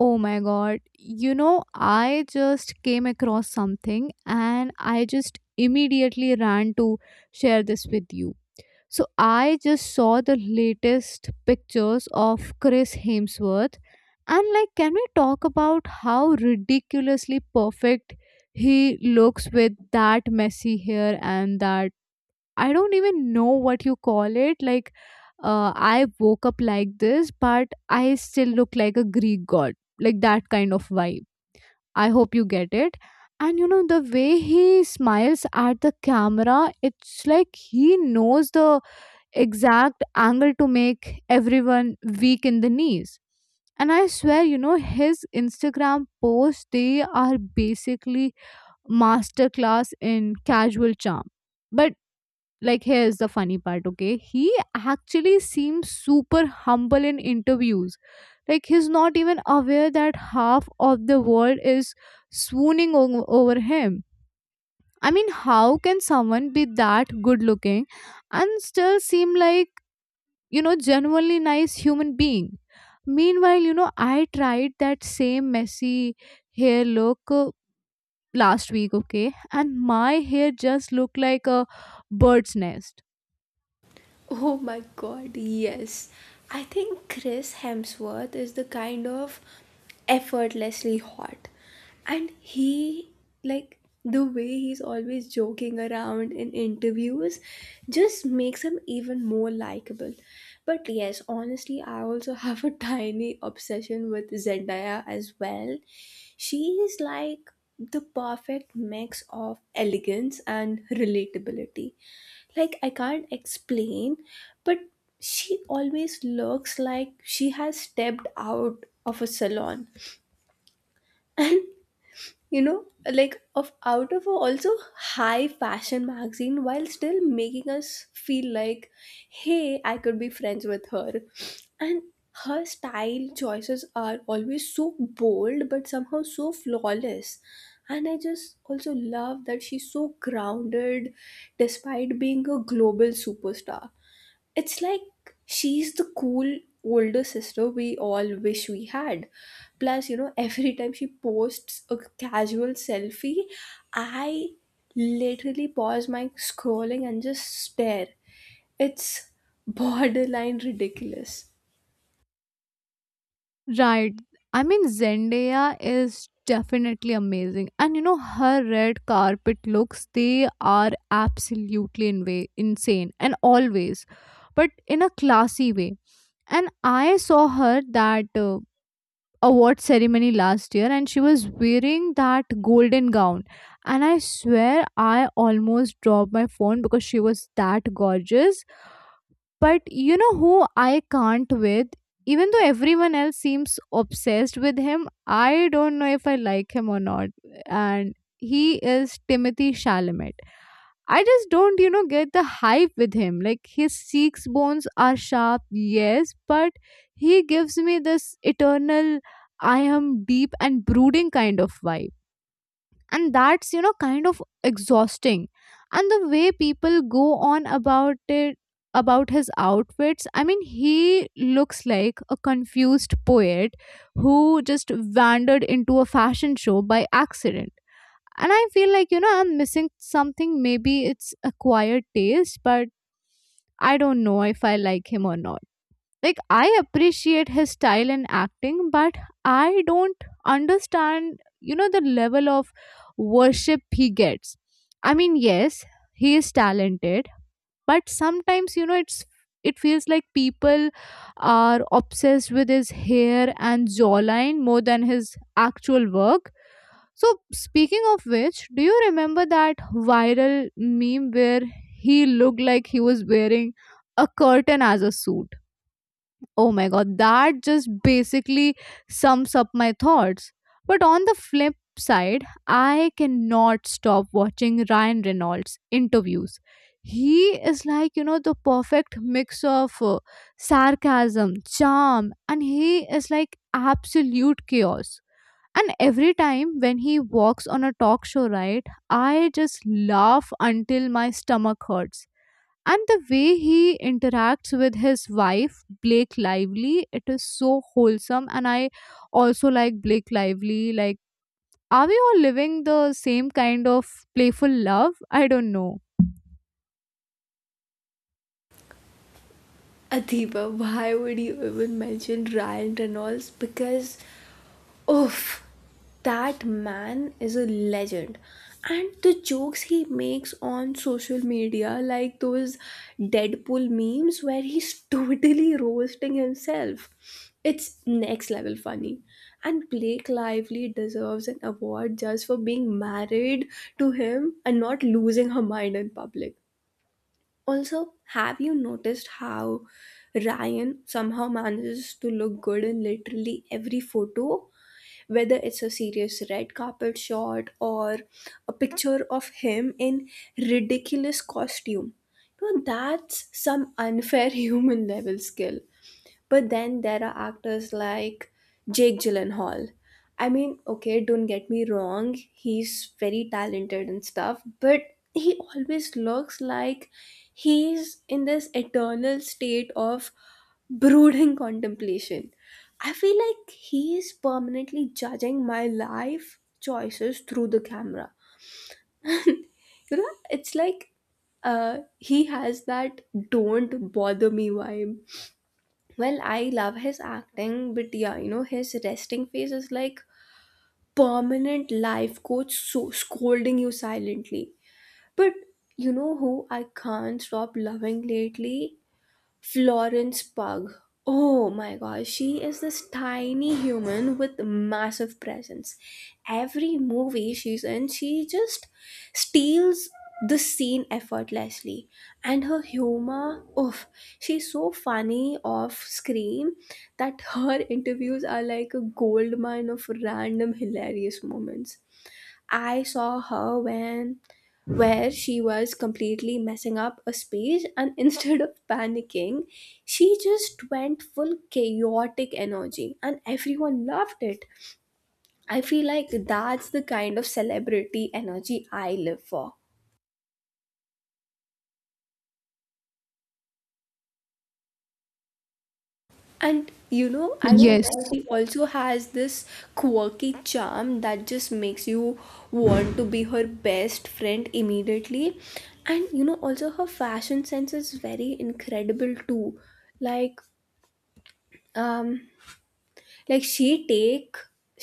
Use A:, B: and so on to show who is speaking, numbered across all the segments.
A: Oh my god. I just came across something and I just immediately ran to share this with you. So, I just saw the latest pictures of Chris Hemsworth, and like, can we talk about how ridiculously perfect he looks with that messy hair and that I don't even know what you call it. Like, I woke up like this, but I still look like a Greek god, like that kind of vibe. I hope you get it. And the way he smiles at the camera, it's like he knows the exact angle to make everyone weak in the knees. And I swear, his Instagram posts, they are basically masterclass in casual charm. But like here's the funny part, okay, he actually seems super humble in interviews. Like, he's not even aware that half of the world is swooning over him. I mean, how can someone be that good looking and still seem like genuinely nice human being? Meanwhile, I tried that same messy hair look last week, okay, and my hair just looked like a bird's nest.
B: Oh my god, yes. I think Chris Hemsworth is the kind of effortlessly hot. And he, like, the way he's always joking around in interviews just makes him even more likable. But yes, honestly, I also have a tiny obsession with Zendaya as well. She is like the perfect mix of elegance and relatability. Like, I can't explain, but she always looks like she has stepped out of a salon. And you know, like, of out of a also high fashion magazine while still making us feel like, hey, I could be friends with her. And her style choices are always so bold but somehow so flawless, and I just also love that she's so grounded despite being a global superstar. It's like she's the cool older sister we all wish we had. Plus, you know, every time she posts a casual selfie, I literally pause my scrolling and just stare. It's borderline ridiculous.
A: Right. I mean, Zendaya is definitely amazing. And her red carpet looks, they are absolutely insane and always, but in a classy way. And I saw her that award ceremony last year and she was wearing that golden gown. And I swear I almost dropped my phone because she was that gorgeous. But you know who I can't with? Even though everyone else seems obsessed with him, I don't know if I like him or not. And he is Timothy Chalamet. I just don't get the hype with him. Like, his cheekbones are sharp, yes, but he gives me this eternal I am deep and brooding kind of vibe. And that's kind of exhausting. And the way people go on about it, about his outfits. I mean, he looks like a confused poet who just wandered into a fashion show by accident. And I feel like I'm missing something. Maybe it's acquired taste, but I don't know if I like him or not. Like, I appreciate his style and acting, but I don't understand the level of worship he gets. I mean, yes, he is talented, but sometimes it feels like people are obsessed with his hair and jawline more than his actual work. So, speaking of which, do you remember that viral meme where he looked like he was wearing a curtain as a suit? Oh my god, that just basically sums up my thoughts. But on the flip side, I cannot stop watching Ryan Reynolds interviews. He is like the perfect mix of sarcasm, charm, and he is like absolute chaos. And every time when he walks on a talk show, right, I just laugh until my stomach hurts. And the way he interacts with his wife Blake Lively, it is so wholesome. And I also like Blake Lively. Like, are we all living the same kind of playful love? I don't know.
B: Adiba, why would you even mention Ryan Reynolds? Because, oof, that man is a legend. And the jokes he makes on social media, like those Deadpool memes where he's totally roasting himself, it's next level funny. And Blake Lively deserves an award just for being married to him and not losing her mind in public. Also, have you noticed how Ryan somehow manages to look good in literally every photo? Whether it's a serious red carpet shot or a picture of him in ridiculous costume. You know, that's some unfair human level skill. But then there are actors like Jake Gyllenhaal. I mean, okay, don't get me wrong, he's very talented and stuff, but he always looks like he's in this eternal state of brooding contemplation. I feel like he is permanently judging my life choices through the camera. You know, it's like, he has that don't bother me vibe. Well, I love his acting, but yeah, you know, his resting face is like permanent life coach so scolding you silently. But you know who I can't stop loving lately? Florence Pug. Oh my gosh, she is this tiny human with massive presence. Every movie she's in, she just steals the scene effortlessly. And her humor, oof, she's so funny off screen that her interviews are like a gold mine of random hilarious moments. I saw her when where she was completely messing up a speech, and instead of panicking, she just went full chaotic energy and everyone loved it. I feel like that's the kind of celebrity energy I live for. And you know, I feel
A: Yes,
B: like she also has this quirky charm that just makes you want to be her best friend immediately. And you know, also her fashion sense is very incredible too. Like, um, like she take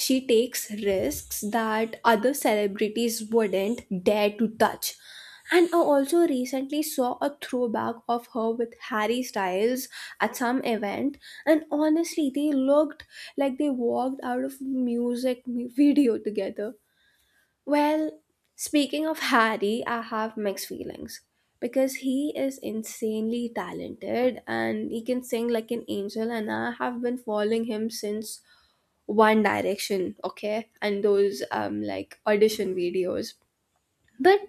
B: she takes risks that other celebrities wouldn't dare to touch. And I also recently saw a throwback of her with Harry Styles at some event, and honestly they looked like they walked out of video together. Well, speaking of Harry, I have mixed feelings because he is insanely talented and he can sing like an angel, and I have been following him since one Direction, okay, and those like audition videos. But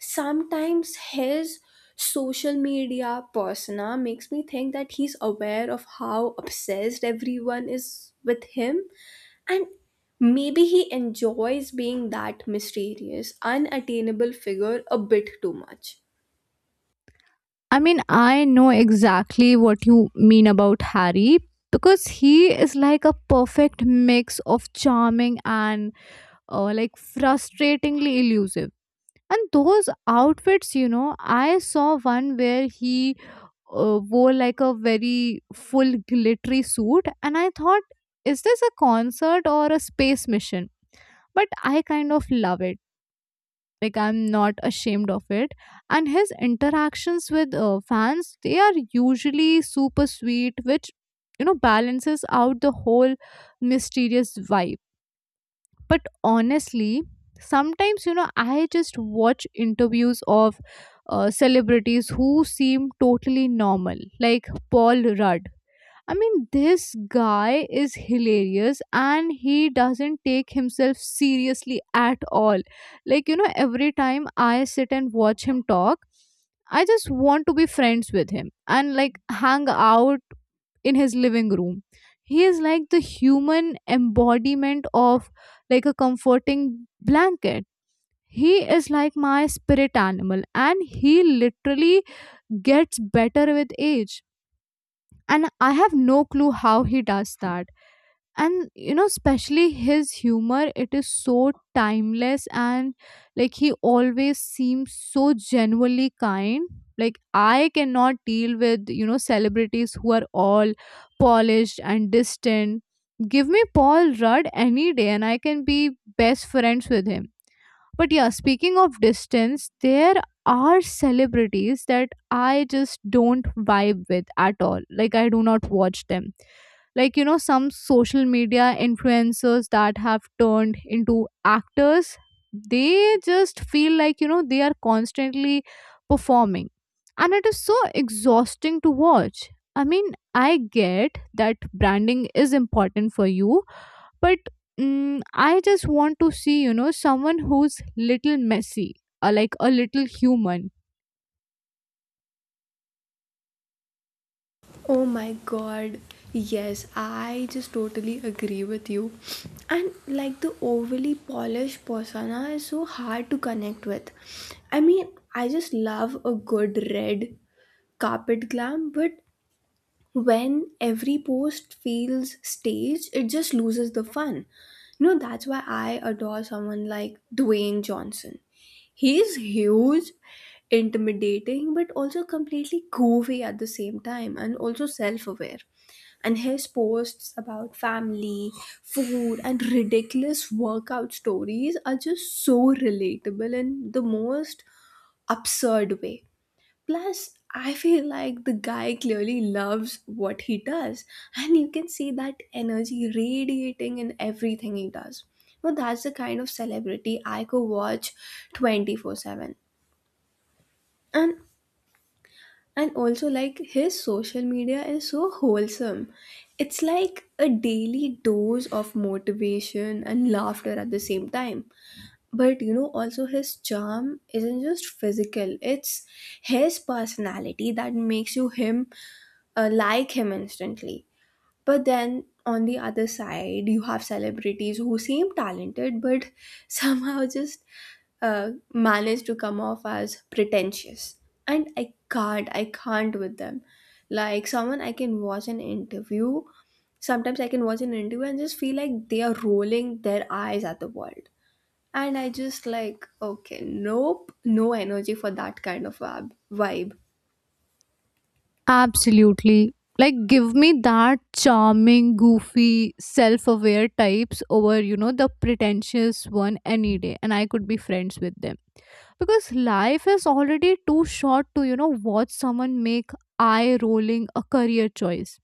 B: sometimes his social media persona makes me think that he's aware of how obsessed everyone is with him, and maybe he enjoys being that mysterious, unattainable figure a bit too much.
A: I mean, I know exactly what you mean about Harry. Because he is like a perfect mix of charming and like frustratingly elusive. And those outfits, I saw one where he wore like a very full glittery suit and I thought, is this a concert or a space mission? But I kind of love it. Like, I'm not ashamed of it. And his interactions with fans, they are usually super sweet, which balances out the whole mysterious vibe. But honestly, sometimes I just watch interviews of celebrities who seem totally normal, like Paul Rudd. I mean, this guy is hilarious and he doesn't take himself seriously at all. Like, every time I sit and watch him talk, I just want to be friends with him and like hang out in his living room. He is like the human embodiment of like a comforting blanket. He is like my spirit animal and he literally gets better with age. And I have no clue how he does that and especially his humor, it is so timeless. And like he always seems so genuinely kind. Like, I cannot deal with celebrities who are all polished and distant. Give me Paul Rudd any day and I can be best friends with him. But yeah, speaking of distance, there are celebrities that I just don't vibe with at all. Like, I do not watch them. Like, some social media influencers that have turned into actors, they just feel like, they are constantly performing. And it is so exhausting to watch. I mean, I get that branding is important for you, but mm, I just want to see someone who's little messy, like a little human.
B: Oh my god. Yes, I just totally agree with you. And like the overly polished persona is so hard to connect with. I mean, I just love a good red carpet glam, but when every post feels staged, it just loses the fun. You know, that's why I adore someone like Dwayne Johnson. He's huge, intimidating, but also completely goofy at the same time and also self aware. And his posts about family, food, and ridiculous workout stories are just so relatable in the most absurd way. Plus, I feel like the guy clearly loves what he does, and you can see that energy radiating in everything he does. Well, that's the kind of celebrity I could watch 24/7. And and also like his social media is so wholesome. It's like a daily dose of motivation and laughter at the same time. But you know also his charm isn't just physical, it's his personality that makes you him, like him instantly. But then on the other side you have celebrities who seem talented but somehow just manage to come off as pretentious, and I can't with them. Like, someone I can watch an interview, sometimes I can watch an interview and just feel like they are rolling their eyes at the world. And I just like, okay, nope, no energy for that kind of vibe.
A: Absolutely. Like, give me that charming, goofy, self-aware types over the pretentious one any day and I could be friends with them. Because life is already too short to watch someone make eye rolling a career choice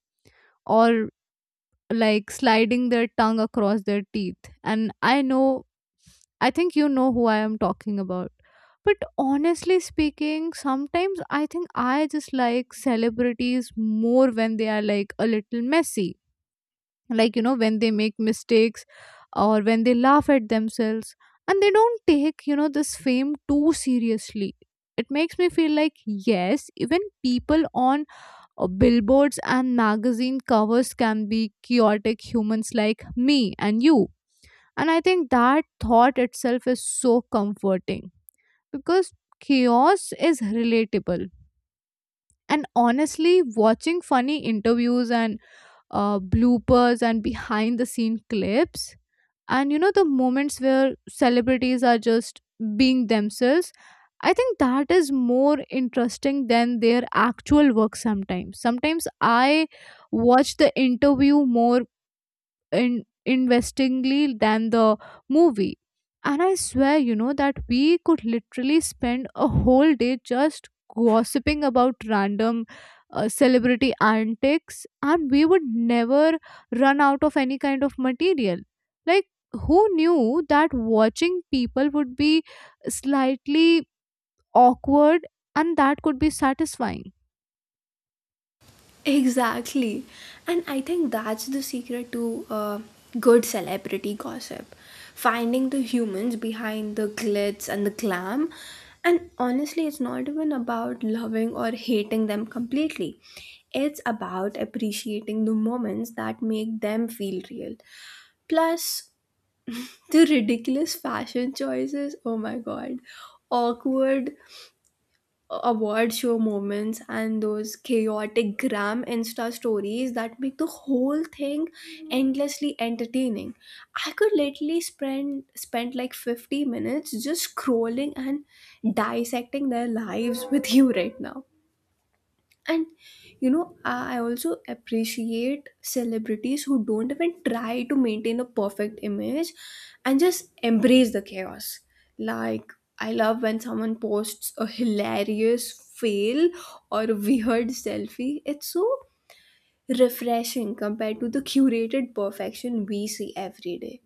A: or like sliding their tongue across their teeth. And I know, I think you know who I am talking about. But honestly speaking, sometimes I think I just like celebrities more when they are like a little messy. Like, when they make mistakes or when they laugh at themselves and they don't take this fame too seriously. It makes me feel like, yes, even people on billboards and magazine covers can be chaotic humans like me and you. And I think that thought itself is so comforting because chaos is relatable. And honestly, watching funny interviews and bloopers and behind the scene clips, and the moments where celebrities are just being themselves, I think that is more interesting than their actual work sometimes. Sometimes I watch the interview more investingly than the movie. And I swear, that we could literally spend a whole day just gossiping about random celebrity antics and we would never run out of any kind of material. Like, who knew that watching people would be slightly awkward and that could be satisfying?
B: Exactly. And I think that's the secret to good celebrity gossip, finding the humans behind the glitz and the glam. And honestly, it's not even about loving or hating them completely. It's about appreciating the moments that make them feel real. Plus, the ridiculous fashion choices, oh my god, awkward award show moments and those chaotic gram insta stories that make the whole thing endlessly entertaining. I could literally spend like 50 minutes just scrolling and dissecting their lives with you right now. And you know, I also appreciate celebrities who don't even try to maintain a perfect image and just embrace the chaos. Like, I love when someone posts a hilarious fail or a weird selfie. It's so refreshing compared to the curated perfection we see every day.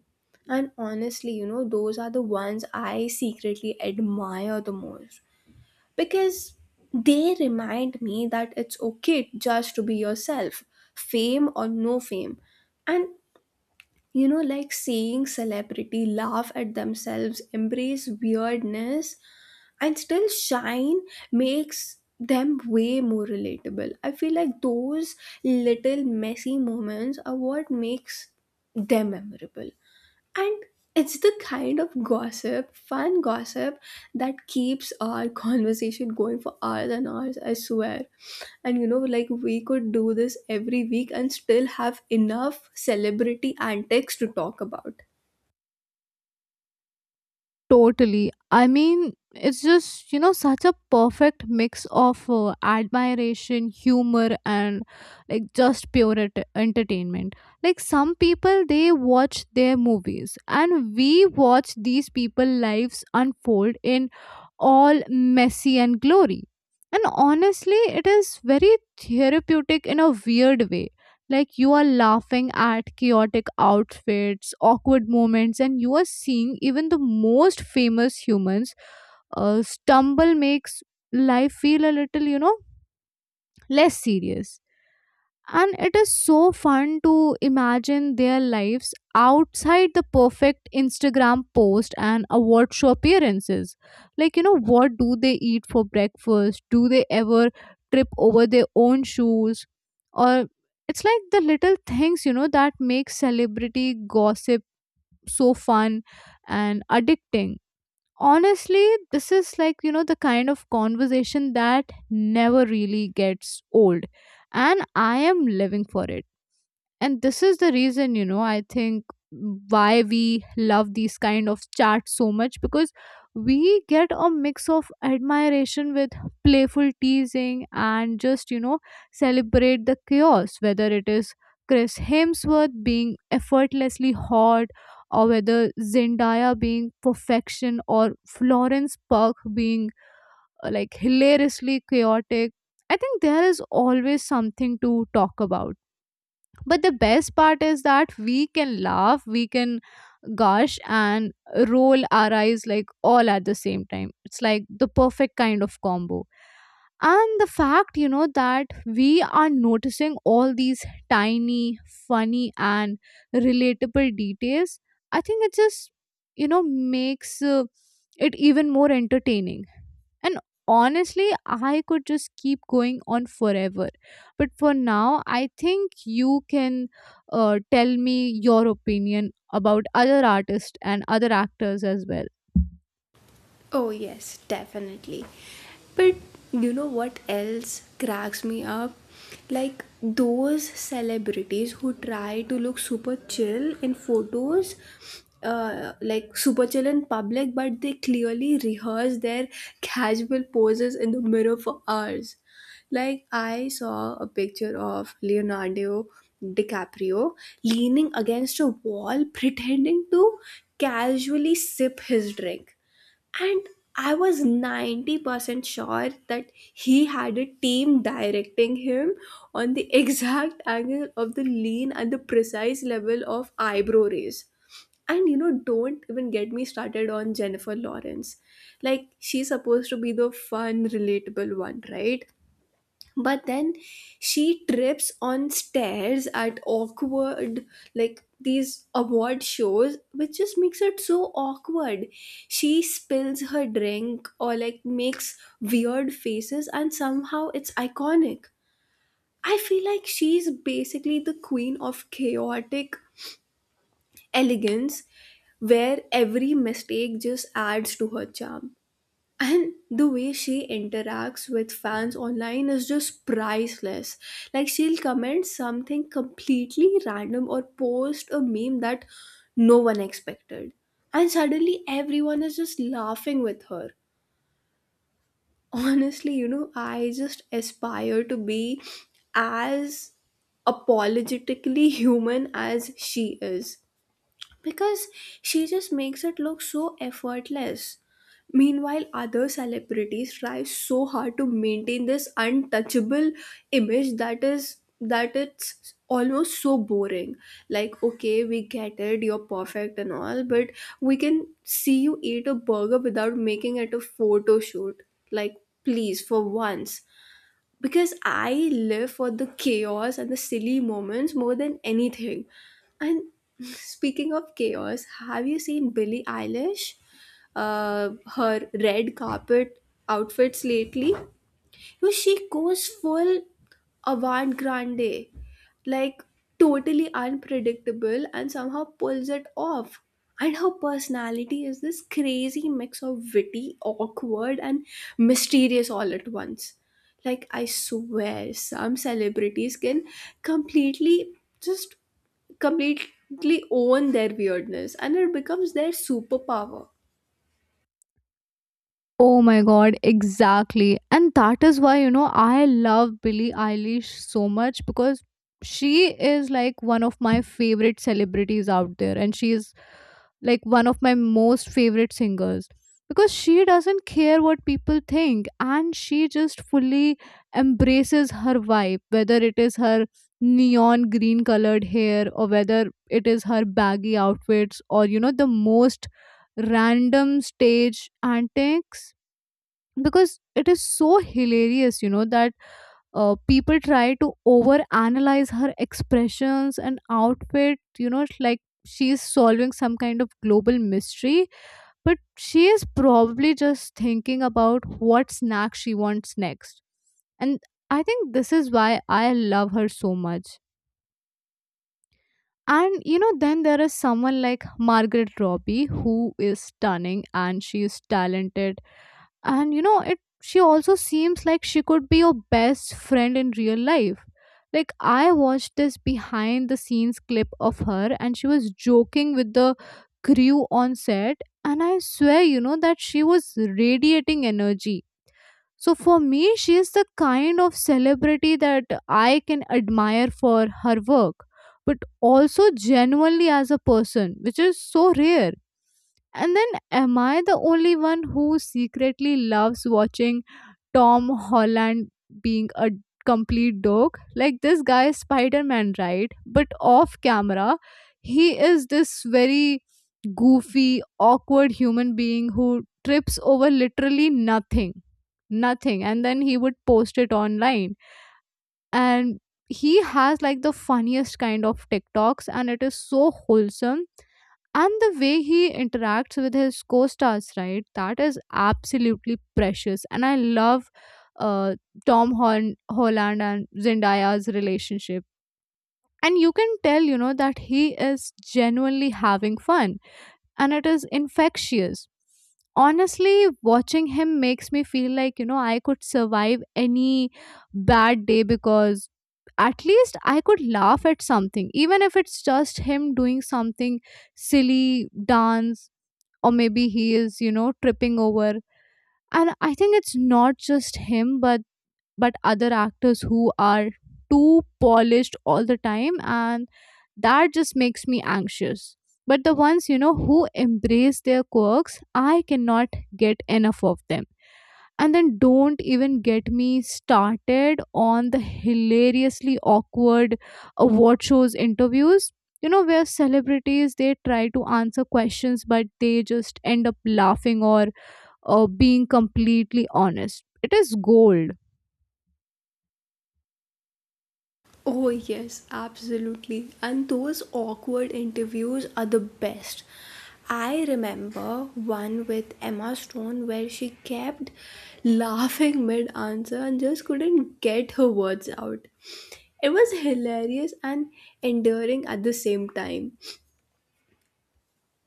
B: And honestly, you know, those are the ones I secretly admire the most, because they remind me that it's okay just to be yourself, fame or no fame. And you know, like seeing celebrity laugh at themselves, embrace weirdness, and still shine makes them way more relatable. I feel like those little messy moments are what makes them memorable. And it's the kind of gossip, fun gossip, that keeps our conversation going for hours and hours, I swear. And you know, like we could do this every week and still have enough celebrity antics to talk about.
A: Totally. I mean, it's just such a perfect mix of admiration, humor, and like just pure entertainment. Like, some people they watch their movies, and we watch these people' lives unfold in all messy and glory. And honestly, it is very therapeutic in a weird way. Like, you are laughing at chaotic outfits, awkward moments, and you are seeing even the most famous humans stumble makes life feel a little less serious. And it is so fun to imagine their lives outside the perfect Instagram post and award show appearances. Like, what do they eat for breakfast? Do they ever trip over their own shoes? Or it's like the little things that make celebrity gossip so fun and addicting. Honestly, this is like the kind of conversation that never really gets old. And I am living for it. And this is the reason I think why we love these kind of chats so much. Because we get a mix of admiration with playful teasing and just celebrate the chaos, whether it is Chris Hemsworth being effortlessly hot or whether Zendaya being perfection or Florence Pugh being like hilariously chaotic. I think there is always something to talk about. But the best part is that we can laugh, we can gush and roll our eyes, like all at the same time. It's like the perfect kind of combo. And the fact that we are noticing all these tiny, funny and relatable details, I think it just you know makes it even more entertaining. And honestly, I could just keep going on forever. But for now, I think you can tell me your opinion about other artists and other actors as well.
B: Oh, yes, definitely. But you know what else cracks me up? Like those celebrities who try to look super chill in photos, like super chill in public, but they clearly rehearse their casual poses in the mirror for hours. Like, I saw a picture of Leonardo DiCaprio leaning against a wall, pretending to casually sip his drink, and I was 90% sure that he had a team directing him on the exact angle of the lean and the precise level of eyebrow raise. And you know, don't even get me started on Jennifer Lawrence. Like, she's supposed to be the fun relatable one, right? But then she trips on stairs at awkward, like, these award shows, which just makes it so awkward. She spills her drink or like makes weird faces and somehow it's iconic. I feel like she's basically the queen of chaotic elegance, where every mistake just adds to her charm. And the way she interacts with fans online is just priceless. Like, she'll comment something completely random or post a meme that no one expected, and suddenly everyone is just laughing with her. Honestly, you know, I just aspire to be as apologetically human as she is, because she just makes it look so effortless. Meanwhile, other celebrities try so hard to maintain this untouchable image that is that it's almost so boring. Like, okay, we get it, you're perfect and all, but we can see you eat a burger without making it a photo shoot. Like, please, for once, because I live for the chaos and the silly moments more than anything. And speaking of chaos, have you seen Billie Eilish? Her red carpet outfits lately? You know, she goes full avant grande, like totally unpredictable, and somehow pulls it off. And her personality is this crazy mix of witty, awkward, and mysterious all at once. Like, I swear, some celebrities can completely just completely own their weirdness and it becomes their superpower.
A: Oh my god, exactly. And that is why, I love Billie Eilish so much because she is like one of my favorite celebrities out there and she is like one of my most favorite singers because she doesn't care what people think and she just fully embraces her vibe, whether it is her neon green colored hair or whether it is her baggy outfits, or the most random stage antics because it is so hilarious. You know that people try to over analyze her expressions and outfit. You know, it's like she is solving some kind of global mystery, but she is probably just thinking about what snack she wants next. And I think this is why I love her so much. And then there is someone like Margaret Robbie who is stunning and she is talented, and it she also seems like she could be your best friend in real life. Like, I watched this behind the scenes clip of her and she was joking with the crew on set, and I swear that she was radiating energy. So for me she is the kind of celebrity that I can admire for her work but also genuinely as a person, which is so rare. And then, am I the only one who secretly loves watching Tom Holland being a complete dog? Like, this guy is Spider Man, right? But off camera, he is this very goofy, awkward human being who trips over literally nothing. Nothing. And then he would post it online. And he has like the funniest kind of TikToks, and it is so wholesome, and the way he interacts with his co-stars, right, that is absolutely precious. And I love uh, tom Hon- Holland and Zendaya's relationship, and you can tell that he is genuinely having fun and it is infectious. Honestly, watching him makes me feel like I could survive any bad day because at least I could laugh at something, even if it's just him doing something silly dance or maybe he is tripping over. And I think it's not just him, but other actors who are too polished all the time, and that just makes me anxious. But the ones, who embrace their quirks, I cannot get enough of them. And then don't even get me started on the hilariously awkward award shows interviews. Where celebrities they try to answer questions, but they just end up laughing or being completely honest. It is gold.
B: Oh, yes, absolutely. And those awkward interviews are the best. I remember one with Emma Stone where she kept laughing mid answer and just couldn't get her words out. It was hilarious and endearing at the same time.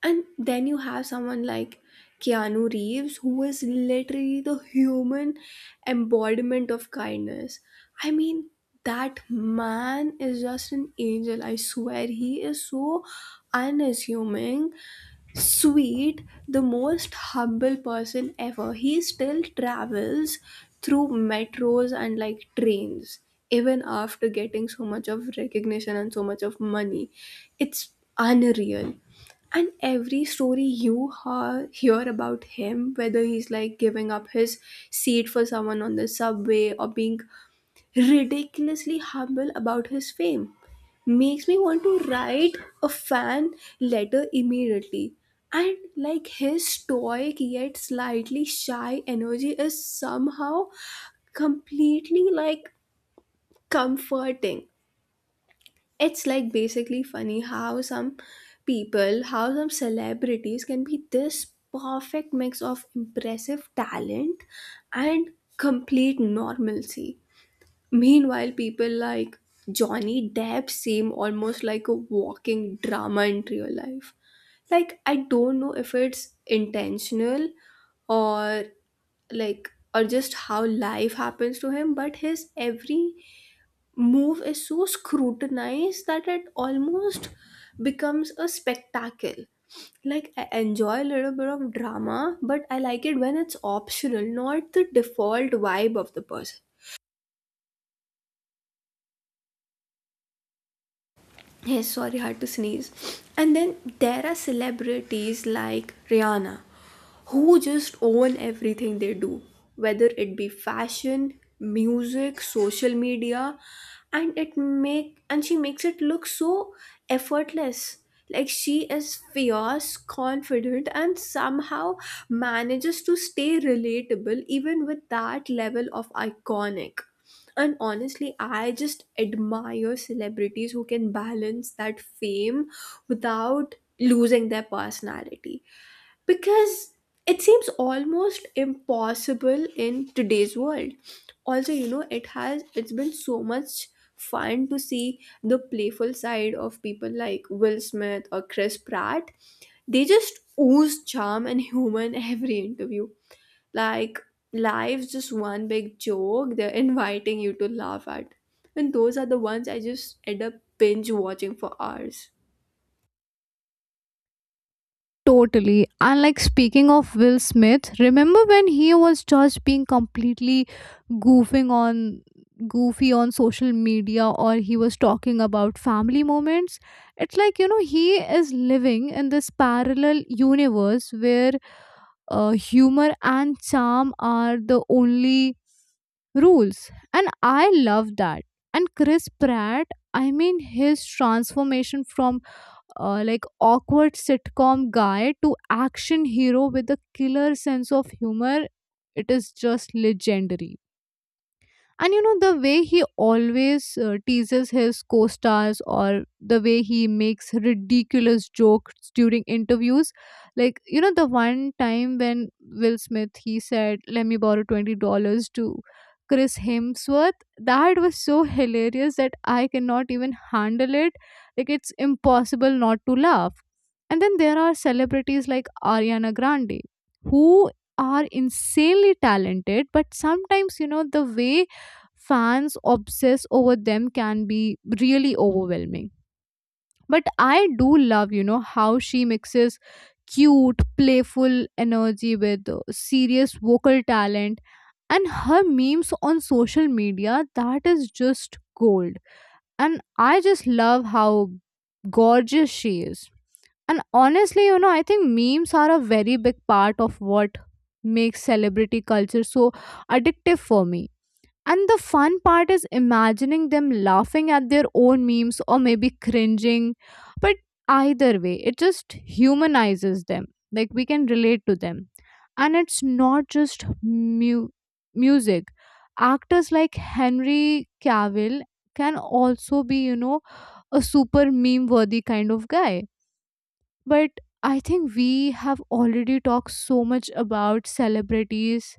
B: And then you have someone like Keanu Reeves, who is literally the human embodiment of kindness. I mean, that man is just an angel. I swear, he is so unassuming, sweet, the most humble person ever. He still travels through metros and like trains, even after getting so much of recognition and so much of money. It's unreal. And every story you hear about him, whether he's like giving up his seat for someone on the subway or being ridiculously humble about his fame. Makes me want to write a fan letter immediately. And like his stoic yet slightly shy energy is somehow completely like comforting. It's like basically funny how how some celebrities can be this perfect mix of impressive talent and complete normalcy. Meanwhile, people like Johnny Depp seem almost like a walking drama in real life. Like, I don't know if it's intentional, or like, or just how life happens to him, but his every move is so scrutinized that it almost becomes a spectacle. Like, I enjoy a little bit of drama, but I like it when it's optional, not the default vibe of the person. Yes, sorry, hard to sneeze. And then there are celebrities like Rihanna who just own everything they do, whether it be fashion, music, social media, and it make and she makes it look so effortless. Like, she is fierce, confident, and somehow manages to stay relatable even with that level of iconic. And honestly, I just admire celebrities who can balance that fame without losing their personality. Because it seems almost impossible in today's world. Also, you know, it's been so much fun to see the playful side of people like Will Smith or Chris Pratt. They just ooze charm and humor in every interview, like life's just one big joke they're inviting you to laugh at. And those are the ones I just end up binge watching for hours.
A: Totally. And like, speaking of Will Smith, remember when he was just being completely goofing on goofy on social media, or he was talking about family moments? It's like, he is living in this parallel universe where humor and charm are the only rules. And I love that. And Chris Pratt, I mean, his transformation from like awkward sitcom guy to action hero with a killer sense of humor, it is just legendary. And the way he always teases his co-stars, or the way he makes ridiculous jokes during interviews, like the one time when Will Smith, he said let me borrow $20 to Chris Hemsworth, that was so hilarious that I cannot even handle it. Like, it's impossible not to laugh. And then there are celebrities like Ariana Grande who are insanely talented, but sometimes the way fans obsess over them can be really overwhelming. But I do love, how she mixes cute, playful energy with serious vocal talent, and her memes on social media, that is just gold. And I just love how gorgeous she is. And honestly, I think memes are a very big part of what makes celebrity culture so addictive for me. And the fun part is imagining them laughing at their own memes or maybe cringing. But either way, it just humanizes them. Like, we can relate to them. And it's not just music. Actors like Henry Cavill can also be a super meme worthy kind of guy. But I think we have already talked so much about celebrities,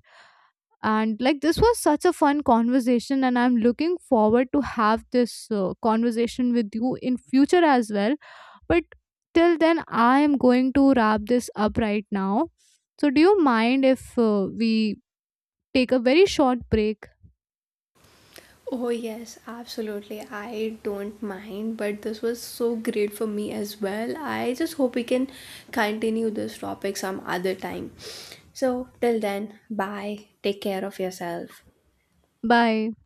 A: and like, this was such a fun conversation and I'm looking forward to have this conversation with you in future as well. But till then, I am going to wrap this up right now. So do you mind if we take a very short break?
B: Oh, yes, absolutely. I don't mind, but this was so great for me as well. I just hope we can continue this topic some other time. So, till then, bye. Take care of yourself.
A: Bye.